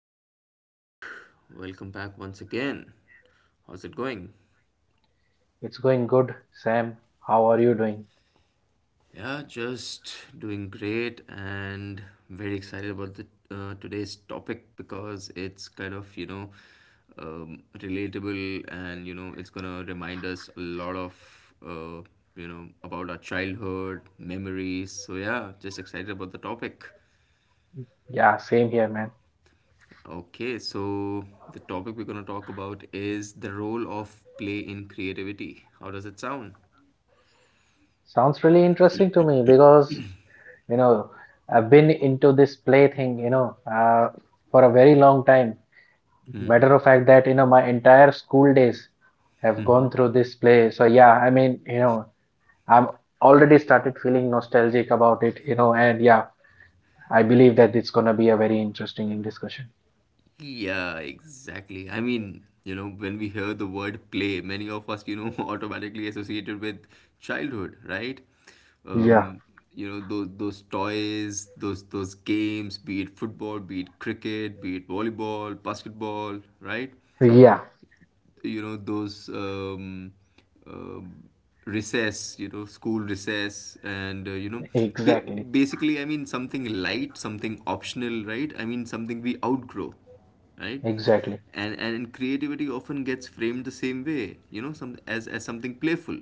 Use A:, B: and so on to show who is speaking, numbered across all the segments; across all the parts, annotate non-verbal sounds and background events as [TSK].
A: Alrighty, Rick. Welcome back once again. How's it going?
B: It's going good, Sam. How are you doing?
A: Yeah, just doing great and very excited about the today's topic because it's relatable and it's gonna remind us a lot of about our childhood memories. So yeah, just excited about the topic.
B: Yeah, same here, man.
A: Okay, so the topic we're going to talk about is the role of play in creativity. How does it sound?
B: Sounds really interesting to me because, you know, I've been into this play thing, you know, for a very long time. Matter of fact that, you know, my entire school days have gone through this play. So yeah, I mean, you know, I'm already started feeling nostalgic about it, you know, and yeah, I believe that it's gonna be a very interesting discussion.
A: Yeah, exactly. When we hear the word play, many of us, [LAUGHS] automatically associated with childhood, right?
B: Yeah,
A: Um, those toys, those games, be it football, be it cricket, be it volleyball, basketball, right?
B: yeah,
A: you know those uh, recess, school recess and
B: [LAUGHS]
A: ba-
B: exactly,
A: basically, something light, something optional, right? Something we outgrow, right?
B: exactly,
A: And creativity often gets framed the same way, you know some as something playful,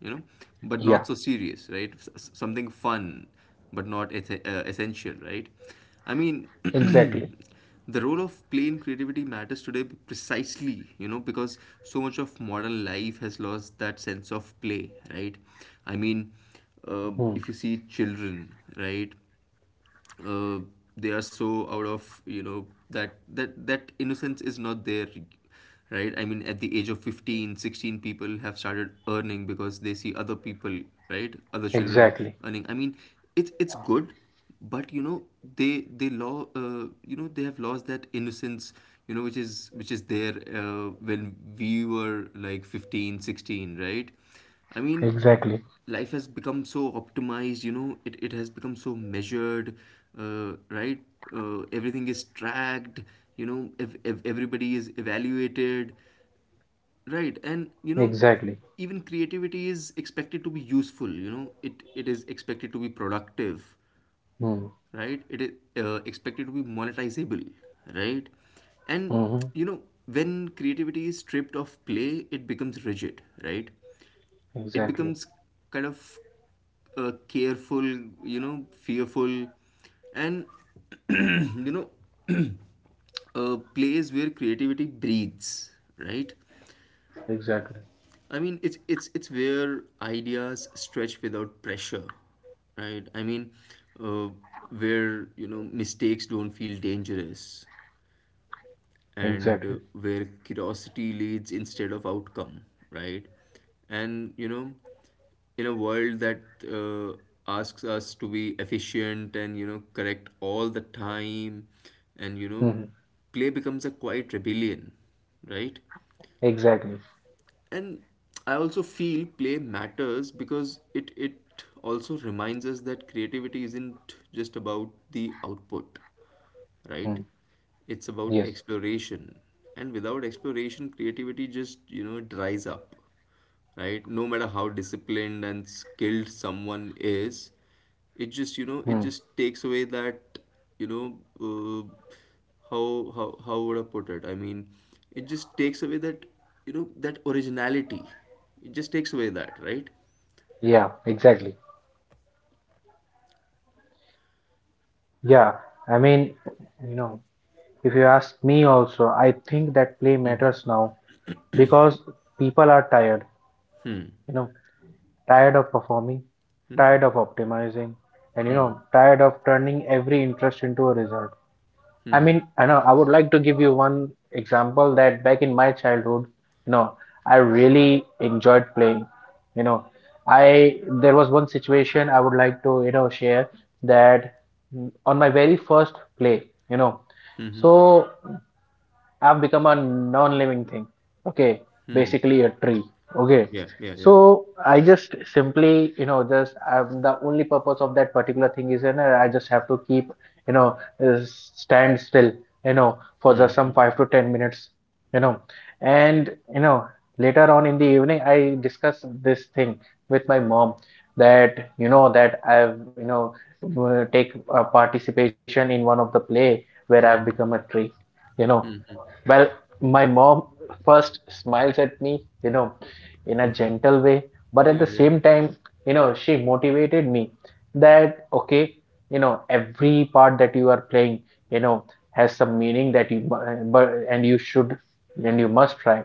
A: you know but
B: yeah,
A: not so serious, right? Something fun but not essential, right? i mean
B: exactly.
A: [CLEARS THROAT] the role of play in creativity matters today precisely because so much of modern life has lost that sense of play, right? i mean
B: Hmm.
A: if you see children, right? uh, they are so out of, that that innocence is not there, right? At the age of 15, 16, people have started earning because they see other people, right? Other children
B: Exactly,
A: earning. It's good, but you know they law you know, they have lost that innocence, which is there when we were like 15, 16, right? i mean
B: exactly,
A: Life has become so optimized, you know, it has become so measured, right? Everything is tracked, you know, if everybody is evaluated, right? And you know,
B: exactly.
A: even creativity is expected to be useful, you know, it is expected to be productive,
B: Mm,
A: right? It is expected to be monetizable, right? And
B: mm-hmm.
A: you know, when creativity is stripped of play, it becomes rigid, right? It
B: Exactly,
A: becomes kind of careful, you know, fearful, and [CLEARS THROAT] you know, a place where creativity breathes, right?
B: exactly,
A: I mean, it's where ideas stretch without pressure, right? I mean, uh, where you know mistakes don't feel dangerous, and
B: exactly.
A: where curiosity leads instead of outcome, right? And you know, in a world that uh, asks us to be efficient and you know, correct all the time, and you know,
B: Mm,
A: play becomes a quiet rebellion, right?
B: exactly.
A: And I also feel play matters because it also reminds us that creativity isn't just about the output, right?
B: Mm,
A: It's about
B: yes.
A: exploration. And without exploration, creativity just, you know, dries up, right? No matter how disciplined and skilled someone is, it just, you know, it
B: Mm,
A: just takes away that, you know, how would I put it? I mean, it just takes away that, you know, that originality. It just takes away that, right?
B: yeah, exactly. Yeah, I mean, you know, if you ask me also, I think that play
A: Mm-hmm.
B: matters now because people are tired, you know, tired of performing, tired of optimizing, and you know, tired of turning every interest into a result. I mean, I know I would like to give you one example that back in my childhood, you know, I really enjoyed playing. You know, I there was one situation I would like to, you know, share that on my very first play, you know,
A: Mm-hmm.
B: so have become a non-living thing. Okay,
A: Hmm.
B: basically a tree. Okay,
A: Yeah, yeah, yeah.
B: so I just simply, you know, just I'm the only purpose of that particular thing is, and I just have to keep, you know, uh, stand still, you know, for
A: Hmm.
B: just some
A: Hmm.
B: 5 to 10 minutes, you know. And you know, later on in the evening, I discuss this thing with my mom that, you know, that I've, you know, take a participation in one of the play where I've
A: Hmm.
B: become
A: Hmm.
B: a tree, you know.
A: Hmm.
B: Well, my mom first smiles at me, you know, in a gentle way, but
A: Yeah,
B: at the
A: yeah.
B: same time, you know, she motivated me that, okay, you know, every part that you are playing, you know, has some meaning that you, but, and you should, and you must try.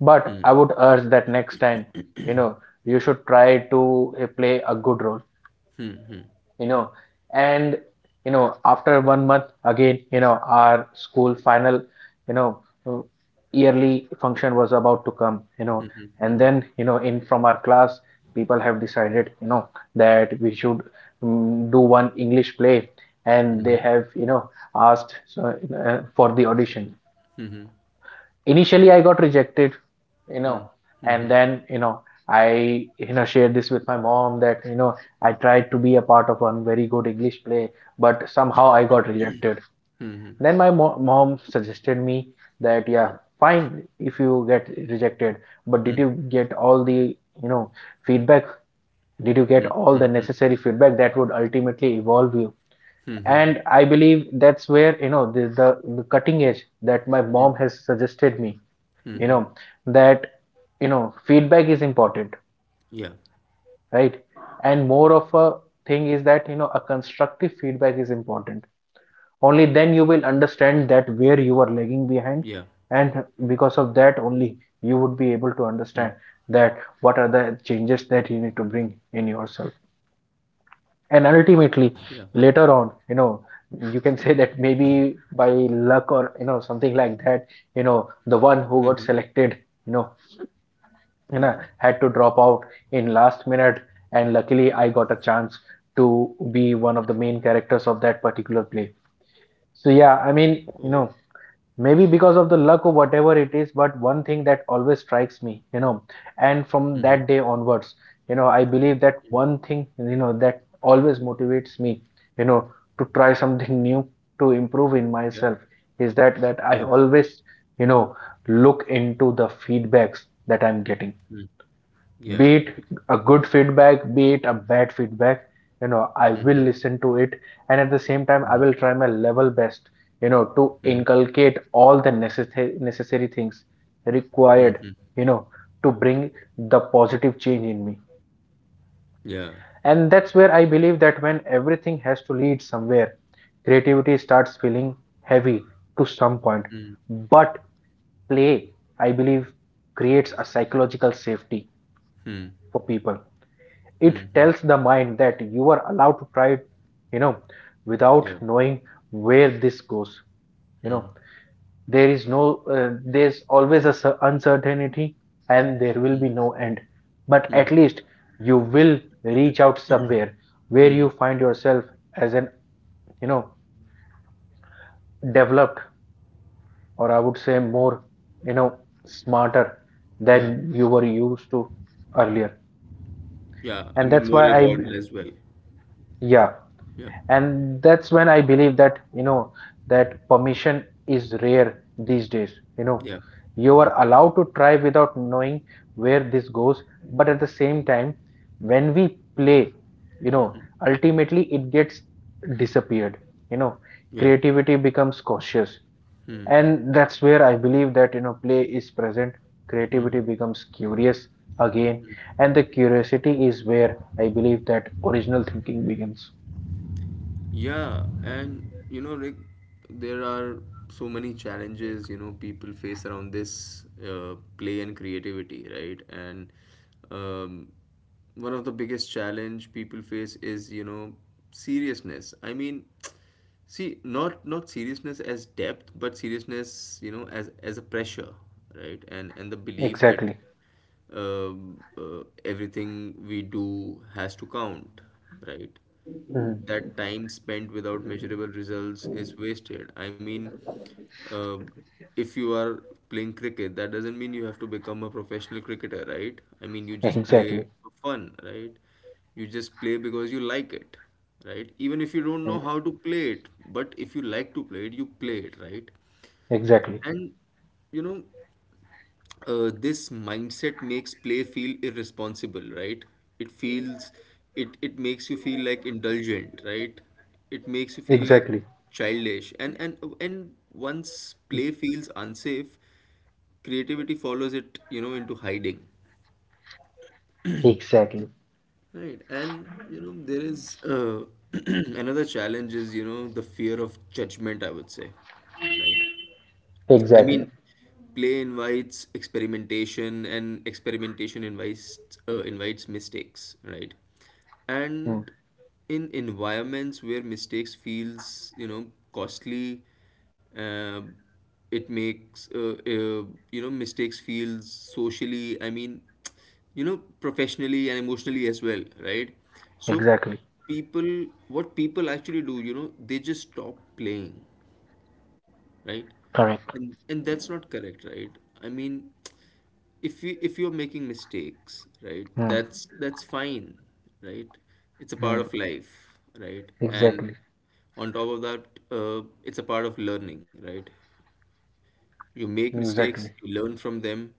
B: But
A: Hmm.
B: I would urge that next time, you know, you should try to play a good role, you know. And you know, after 1 month again, you know, our school final, you know, uh, yearly function was about to come, you know.
A: Hmm.
B: And
A: Hmm.
B: then you know, in from our class, people have decided, you know, that we should do one English play, and
A: Hmm.
B: they have, you know, asked so, for the audition.
A: Hmm.
B: Initially I got rejected, you
A: Hmm.
B: know. And
A: Hmm.
B: then you know, I you know shared this with my mom that, you know, I tried to be a part of one very good English play, but somehow I got rejected.
A: Hmm.
B: Then my mom suggested me that yeah, fine, if you get rejected, but did
A: Hmm.
B: you get all the, you know, feedback? Did you get all the necessary feedback that would ultimately evolve you?
A: Hmm.
B: And I believe that's where, you know, the cutting edge that my
A: Hmm.
B: mom has suggested me, you
A: Hmm.
B: know, that you know feedback is important,
A: Yeah.
B: right? And more of a thing is that, you know, a constructive feedback is important.
A: Yeah.
B: Only then you will understand that where you are lagging behind, and
A: Hmm.
B: because of that only, you would be able to understand that what are the changes that you need to bring in yourself.
A: Yeah.
B: And ultimately later on, you know, you can [LAUGHS] say that maybe by luck or you know something like that, you
A: Mm-hmm.
B: know, the one who got selected, you know,
A: Hmm.
B: you know had to drop out in last minute, and luckily I got a chance to be one of the main characters of that particular play. So yeah, I
A: Hmm.
B: mean, you know, maybe because of the luck or whatever it is, but one thing that always strikes me, you know, and from that day onwards, you know, I
A: Hmm.
B: believe that one thing, you know, that always motivates me, you know, to try something [LAUGHS] new, to
A: Yeah.
B: improve in myself, is
A: Hmm.
B: that that I always, you know, look into the feedbacks that
A: Hmm.
B: I'm
A: Hmm. Hmm.
B: getting.
A: Yeah.
B: Be it a good feedback, be it a bad feedback, you know,
A: Hmm.
B: I will listen to it, and at the same time I will try my level best, you know,
A: Hmm.
B: to inculcate all the necessary things required, you know, to bring the positive change in me. And that's where I believe that when everything has to lead somewhere, creativity starts feeling heavy to some point, but play, I believe, creates a psychological safety
A: Hmm.
B: for people. It tells the mind that you are allowed to try it, you know, without knowing where this goes, you know. There is no There's always a uncertainty, and there will be no end, but at least you will reach out somewhere where
A: Hmm.
B: you find yourself as an, you know, developed, or I would say more, you know, smarter
A: Yeah.
B: than you were used to earlier.
A: Yeah. I
B: and
A: mean,
B: that's
A: more
B: why i
A: evolved as well.
B: yeah
A: Yeah.
B: and that's when I believe that, you know, that permission is rare these days, you know.
A: Yeah.
B: You
A: Hmm.
B: are allowed to try without knowing where this goes, but at the same time, when we play, you
A: Hmm.
B: know,
A: Hmm.
B: ultimately it gets disappeared, you know,
A: Yeah.
B: creativity becomes cautious.
A: Hmm.
B: And that's where I believe that, you know, play is present, creativity
A: Hmm.
B: becomes curious again, and the curiosity is where I believe that original thinking begins.
A: Yeah, and you know, Rick, there are so many challenges you know people face around this play and creativity, right? And um, One of the biggest challenge people face is you know seriousness. I mean, [TSK] see, not seriousness as depth, but seriousness you know as a pressure, right? And the belief that
B: Exactly.
A: everything we do has to count, right?
B: Mm,
A: That time spent without measurable results is wasted. I mean, uh, if you are playing cricket, that doesn't mean you have to become a professional cricketer, right? I mean, you just play
B: exactly.
A: for fun, right? You just play because you like it, right? Even if you don't know
B: e-
A: how to play it, but if you like to play it, you play it, right?
B: Exactly.
A: And you know, this mindset makes play feel irresponsible, right? It feels, it makes you feel like indulgent, right? It makes you feel like
B: Exactly.
A: childish, and once play feels unsafe, creativity follows it you know into hiding,
B: Exactly.
A: right? And you know there is [CLEARS THROAT] another challenge is you know the fear of judgment, I would say, right? I
B: Exactly.
A: mean, play invites experimentation, and experimentation invites invites mistakes, right?
B: Mm,
A: And in environments where mistakes feels you know costly, uh, it makes you know mistakes feels socially. I mean, you know, professionally and emotionally as well, right? So
B: exactly.
A: people, what people actually do, you know, they just stop playing, right?
B: Correct.
A: And that's not correct, right? I mean, if you if you're making mistakes, right?
B: Mm,
A: That's fine, right? It's a part
B: mm,
A: of life, right? And
B: exactly.
A: on top of that, it's a part of learning, right? You make mistakes,
B: Exactly.
A: you learn from them,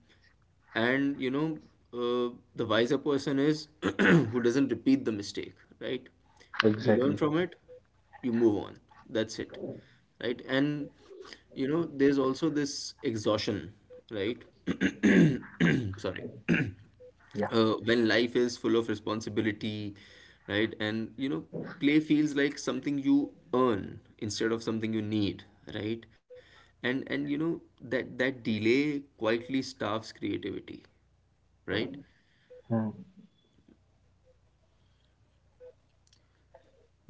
A: and you know the wiser person is [CLEARS THROAT] who doesn't repeat the mistake, right? You learn
B: Exactly.
A: from it, you move on. That's it, right? And you know there's also this exhaustion, right? [CLEARS THROAT] Sorry
B: Yeah.
A: [CLEARS THROAT] when life is full of responsibility, right? And you know, play feels like something you earn instead of something you need, right? And you know that delay quietly starves creativity, right?
B: Mm.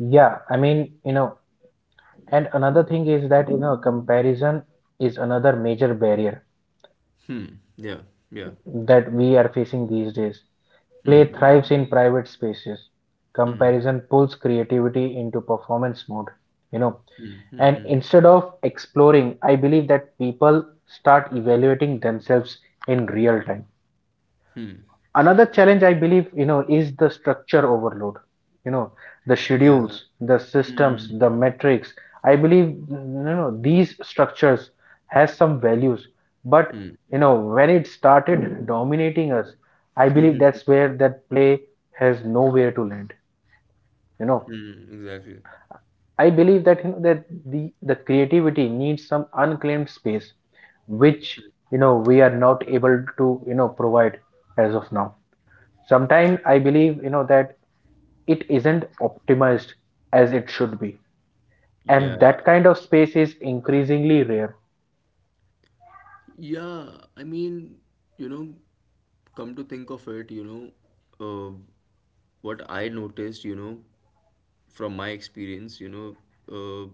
B: Yeah. I mean, you know, and another thing is that, you know, comparison is another major barrier
A: Hmm. Yeah. Yeah.
B: that we are facing these days. Play thrives in private spaces. Comparison pulls creativity into performance mode. You know,
A: Hmm. Hmm.
B: and
A: Hmm.
B: instead of exploring, I believe that people start evaluating themselves in real time.
A: Hmm.
B: Another challenge I believe, you know, is the structure overload. You know, the
A: Yeah.
B: schedules, the systems,
A: Hmm.
B: the metrics. I believe, you know, these structures has some values, but
A: Hmm.
B: you know, when it started dominating us, I
A: Hmm.
B: believe
A: Hmm. Hmm,
B: that's where that play has nowhere to land. You know,
A: hmm. Exactly.
B: I believe that you know that the creativity needs some unclaimed space, which you know we are not able to you know provide as of now. Sometimes I believe you know that it isn't optimized as it should be, and
A: Yeah.
B: that kind of space is increasingly rare.
A: Yeah, I mean, you know, come to think of it, you know, what I noticed, you know, from my experience, you know, uh,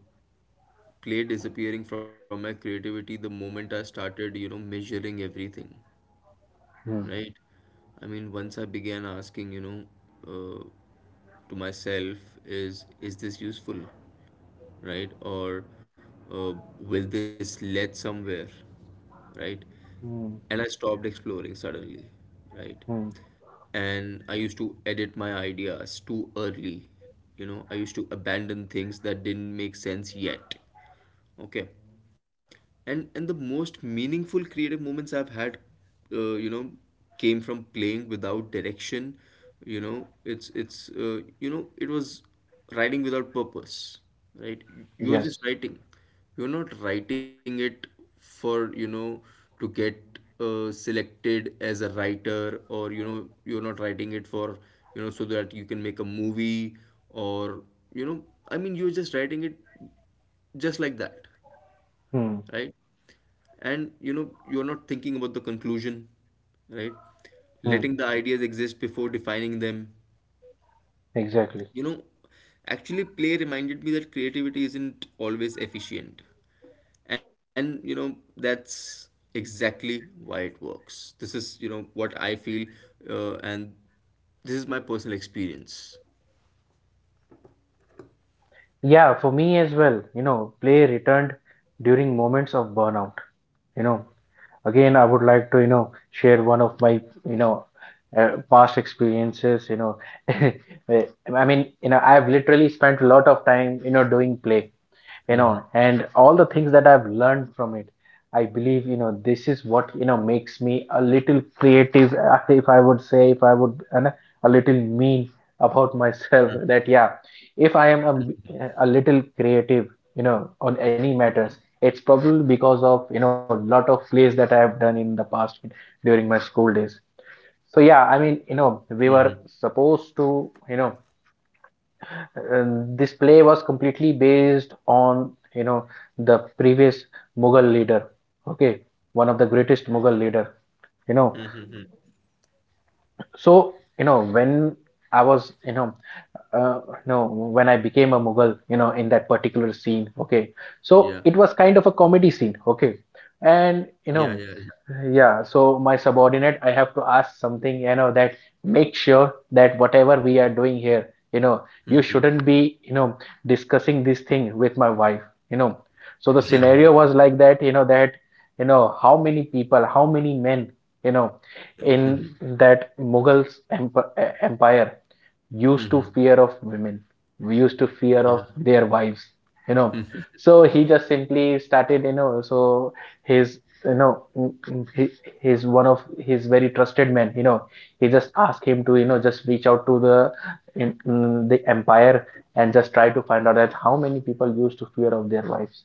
A: play disappearing from my creativity the moment I started, you know, measuring everything,
B: Hmm.
A: right? I mean, once I began asking, you know, uh, to myself, is this useful, right? Or uh, will this lead somewhere, right? And
B: Hmm.
A: I stopped exploring suddenly, right?
B: Hmm.
A: And I used to edit my ideas too early. You know, I used to abandon things that didn't make sense yet. Okay, and the most meaningful creative moments I've had, uh, you know, came from playing without direction. You know, it was writing without purpose, right? You're
B: Yes.
A: just writing. You're not writing it for you know to get selected as a writer or you know you're not writing it for you know so that you can make a movie or you know I mean you're just writing it just like that,
B: Hmm.
A: right? And you know you're not thinking about the conclusion, right?
B: Hmm.
A: Letting the ideas exist before defining them.
B: Exactly.
A: You know, actually play reminded me that creativity isn't always efficient, and you know that's exactly why it works. This is you know what I feel, and this is my personal experience.
B: Yeah, for me as well. You know, play returned during moments of burnout. You know, again, I would like to, you know, share one of my, you know, past experiences, you know. [LAUGHS] I mean, you know, I've literally spent a lot of time, you know, doing play, you know,
A: Hmm.
B: and all the things that I've learned from it, I believe, you know, this is what you know makes me a little creative, if I would say, if I would, and a little mean about [LAUGHS] myself, that yeah, if I am a little creative, you know, on any matters, it's probably because of you know lot of plays that I have done in the past during my school days. So yeah,
A: Hmm.
B: I mean, you know, we were supposed to, you know, uh, this play was completely based on, you know, the previous Mughal leader. Okay, one of the greatest Mughal leader, you know.
A: Hmm.
B: So you know, when I was, you know, uh, no, when I became a Mughal, you know, in that particular scene. Okay,
A: Yeah.
B: so it was kind of a comedy scene. Okay,
A: Yeah.
B: and
A: Yeah.
B: you
A: Yeah.
B: know, yeah. So my subordinate, I have to ask something, you know, that make sure that whatever we are doing here, you know, you
A: Hmm.
B: shouldn't be, you know, discussing this thing with my wife. You know, so the
A: Yeah. Yeah.
B: scenario was like that. You know that, you know, how many people, how many men, you know,
A: Hmm.
B: in that Mughal empire used
A: Hmm.
B: to fear of women, used to fear
A: Yeah.
B: of their wives, you know. So he just simply started, you know, so his, you know, he, he's one of his very trusted men, you know. He just asked him to, you know, just reach out to the the empire, and just try to find out that how many people used to fear of their wives.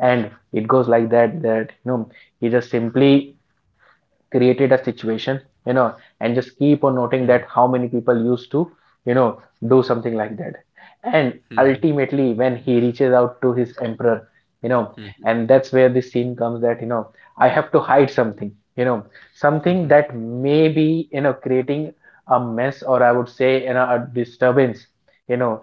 B: And it goes like that, that, you know, he just simply created a situation, you know, and just keep on noting that how many people used to, you know, do something like that. And
A: Mm-hmm.
B: ultimately when he reaches out to his emperor, you know, and that's where the scene comes that, you know, I have to hide something, you know, something
A: [LAUGHS]
B: that may be, you know, creating a mess, or I would say, you know, a disturbance, you know,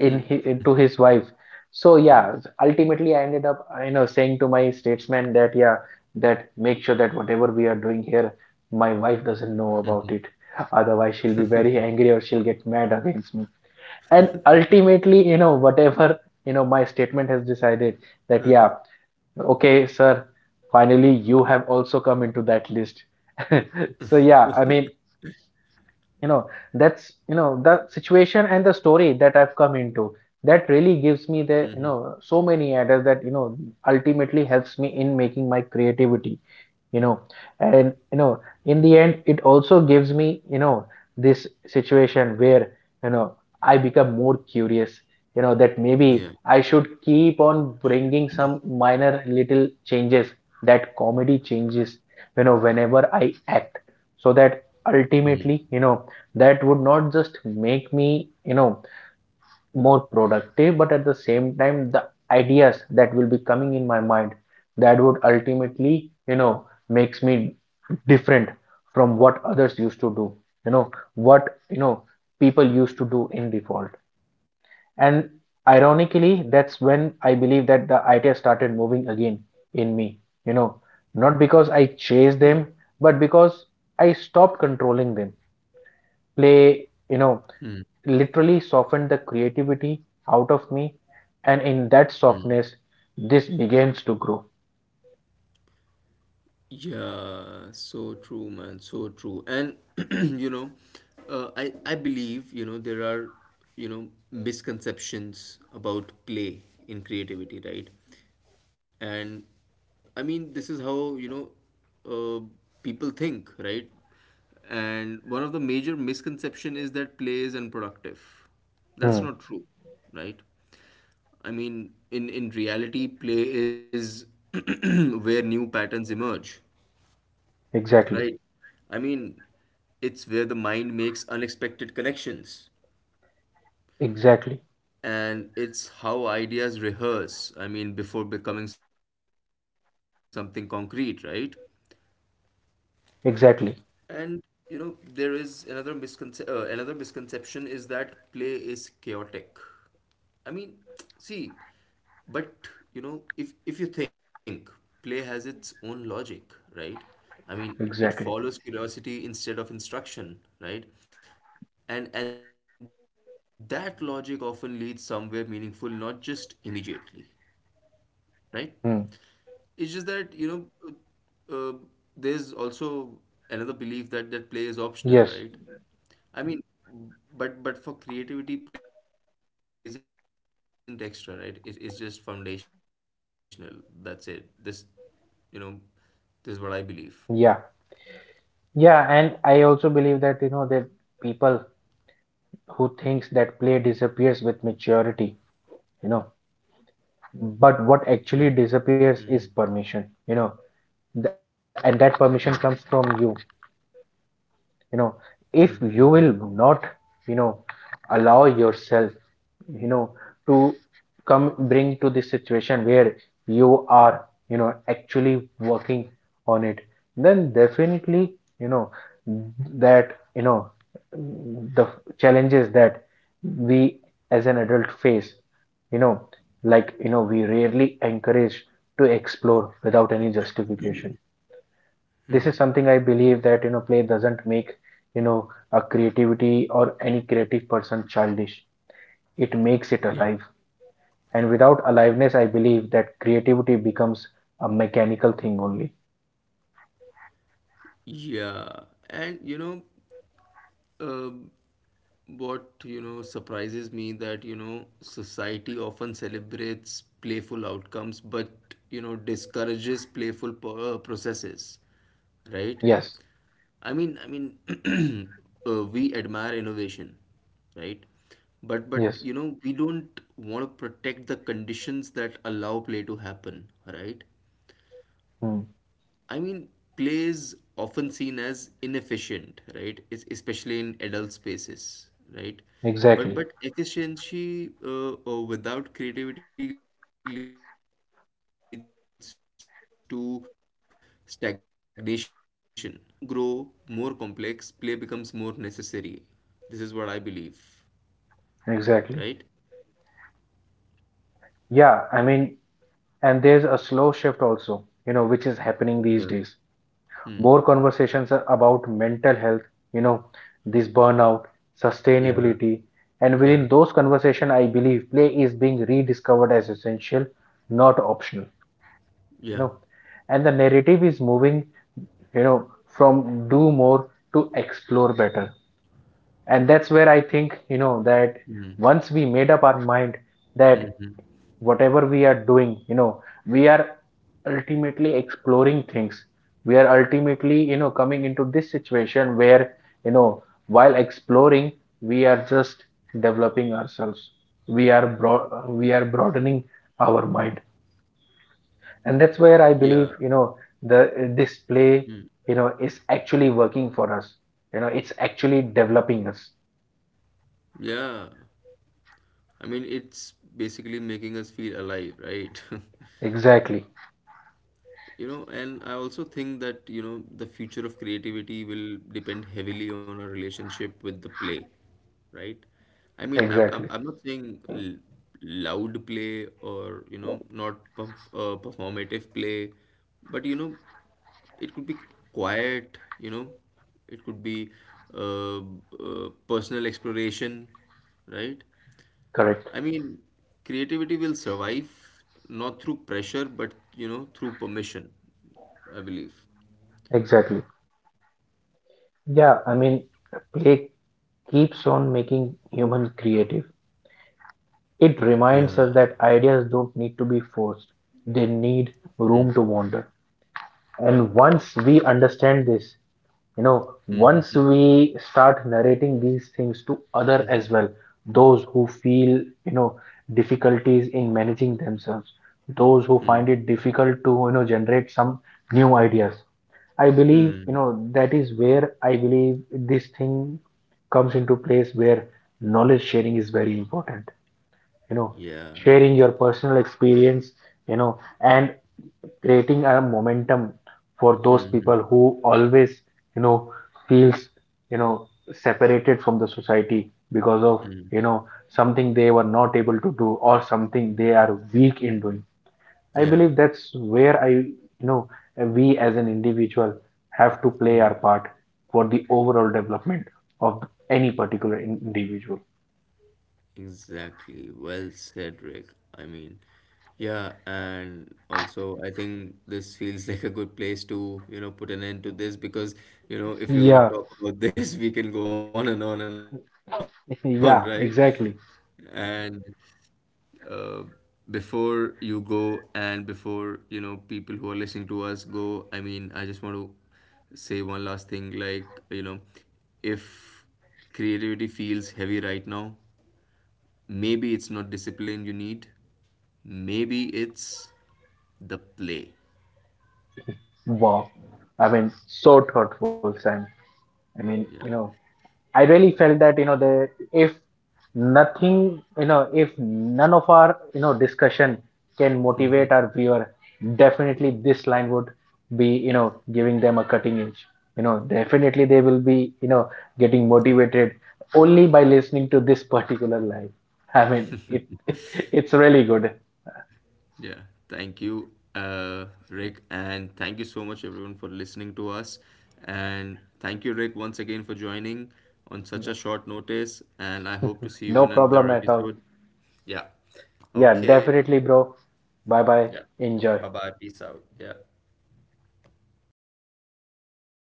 B: in his, to his wife. So yeah,
A: Yeah.
B: ultimately I ended up you know saying to my statesman that yeah, that make sure that whatever we are doing here, my wife
A: Mm.
B: doesn't know about it. Otherwise, she'll be very angry or she'll get mad against me. And ultimately, whatever, my statement has decided that, yeah,
A: Mm. [LAUGHS]
B: okay, sir, finally you have also come into that list. [LAUGHS] So, yeah, I mean, you know, that's the situation and the story that I've come into. That really gives me the so many ideas that, ultimately helps me in making my creativity you know and in the end it also gives me this situation where you know I become more curious, that
A: Yeah.
B: maybe I should keep on bringing some minor little changes, that comedy changes, whenever I act, so that ultimately, that would not just make me you know more productive, but at the same time the ideas that will be coming in my mind, that would
A: Mm-hmm.
B: ultimately makes me different from what others used to do, you know what people used to do in default. And ironically, that's when I believe that the ideas started moving again in me, you know not
A: Yeah.
B: because I chased them, but because I stopped controlling them. play
A: Mm.
B: you know literally softened the creativity out of me. And in that
A: Mm.
B: softness, this begins to grow.
A: Yeah, so true, man, so true. And [CLEARS THROAT] you know, I believe, you know, there are, you know, misconceptions about play in creativity, right? And I mean, this is how, you know, uh, people think, right? And one of the major misconception is that play is unproductive. That's
B: Hmm.
A: not true, right? I mean, in reality, play is [CLEARS THROAT] where new patterns emerge,
B: Exactly.
A: right? I mean, it's where the mind makes unexpected connections.
B: Exactly.
A: And it's how ideas rehearse, I mean, before becoming something concrete, right?
B: Exactly.
A: And you know, there is another misconception is that play is chaotic. I mean, [TSK] see, but you know, if you think play has its own logic, right?
B: Exactly.
A: I mean, it follows curiosity instead of instruction, right? And that logic often leads somewhere meaningful, not just immediately, right?
B: Hmm.
A: It's just that, you know, uh, uh, there's also another belief that play is
B: Yes.
A: optional, right? I mean, but for creativity, play isn't extra, right? It's just foundational. That's it. This, you know, this is what I believe.
B: Yeah. Yeah. And I also believe that, that people who thinks that play disappears with maturity, you know, but what actually disappears is permission, and that permission
A: Yeah.
B: comes from you, you know, if
A: Hmm, hmm,
B: you
A: hmm,
B: will not, you know, allow yourself you know to come bring to this situation where you are actually working on it, then definitely, you know that the challenges that we as an adult face, you know like we rarely encourage to explore without any justification. This is
A: hmm.
B: something I believe, that play doesn't make you know a creativity or any creative person childish, it makes it alive.
A: Yeah.
B: And without aliveness, I believe that creativity becomes a mechanical thing only.
A: Yeah. And you know, Uh, what you know surprises me that you know society often celebrates playful outcomes but you know discourages playful processes, right?
B: Yes,
A: I mean, [CLEARS THROAT] we admire innovation, right? But
B: yes.
A: you know we don't want to protect the conditions that allow play to happen, right?
B: Hmm.
A: I mean, play is often seen as inefficient, right? It's especially in adult spaces, right? But
B: Exactly,
A: efficiency without creativity leads to stagnation, right? I mean, see, as system grow more complex, play becomes more necessary. This is what I believe,
B: exactly.
A: right?
B: Yeah, I mean, and there's a slow shift also, which is happening these
A: Yeah.
B: days.
A: Hmm.
B: More conversations are about mental health, you know, this burnout,
A: Yeah.
B: sustainability, and within
A: Yeah.
B: those conversations, I believe play is being rediscovered as essential, not optional, you know.
A: Yeah.
B: And the narrative is moving, you know from do more to explore better. And that's where I think, that
A: Hmm.
B: once we made up our mind that
A: Hmm. Hmm.
B: whatever we are doing, we are ultimately exploring things. We are ultimately coming into this situation where, while exploring, we are just developing ourselves. We are broadening our mind. And that's where
A: Yeah.
B: I believe, the display, is actually working for us, it's actually developing us.
A: Yeah. I mean, it's basically making us feel alive, right? [LAUGHS]
B: Exactly.
A: You know, and I also think that, you know, the future of creativity will depend heavily on our relationship with the play, right? I mean,
B: Exactly.
A: I'm not saying l loud play or, you know, not performative play, but, you know, it could be quiet, you know, it could be uh, personal exploration, right?
B: Correct.
A: I mean, creativity will survive not through pressure, but you know, through permission, I believe.
B: Exactly. Yeah, I mean, play keeps on making humans creative. It
A: Yeah.
B: reminds us that ideas don't need to be forced, they need
A: Hmm.
B: room to wander. And once we understand this,
A: Hmm. Hmm.
B: once we start narrating these things to
A: Hmm.
B: other
A: Hmm.
B: as well, those who feel, you know difficulties in managing themselves, those who
A: Hmm.
B: find it difficult to, generate some new ideas, I
A: Hmm.
B: believe,
A: Hmm.
B: that is where I believe this thing comes into place, where knowledge sharing is very important. you know
A: Yeah.
B: Sharing your personal experience, and creating a momentum for those
A: Hmm. Hmm.
B: people who always, you know feels, you know separated from the society, because of,
A: Hmm.
B: you know something they were not able to do or something they are weak in doing. I
A: Yeah.
B: believe that's where I, we as an individual have to play
A: Hmm.
B: our part for the overall development of any particular individual.
A: Exactly. Well said, Rick. I mean, yeah, and also I think this feels [LAUGHS] like a good place to, you know, put an end to this because, you know, if we're gonna
B: Yeah.
A: talk about this, we can go on and on and on, right?
B: [LAUGHS] Yeah,
A: And
B: exactly.
A: uh, before you go and before you know people who are listening to us go, I mean I just want to say one last thing, like you know, if creativity feels heavy right now, maybe it's not discipline you need, maybe it's the play.
B: Wow. I mean, so thoughtful, Sam. I mean,
A: Yeah.
B: I really felt that, the if nothing, if none of our, discussion can motivate our viewer, definitely this line would be, giving them a cutting edge. You know definitely they will be, getting
A: Yeah.
B: motivated only by listening to this particular line. I mean it [LAUGHS] it's really good.
A: Yeah, thank you, Rick, and thank you so much, everyone, for listening to us. And thank you, Rick, once again for joining on such a short notice. And I hope to see you
B: No
A: in another
B: problem at all.
A: episode. Yeah.
B: Yeah,
A: Okay.
B: definitely, bro. Bye bye.
A: Yeah.
B: Enjoy.
A: Bye bye. Peace out. Yeah.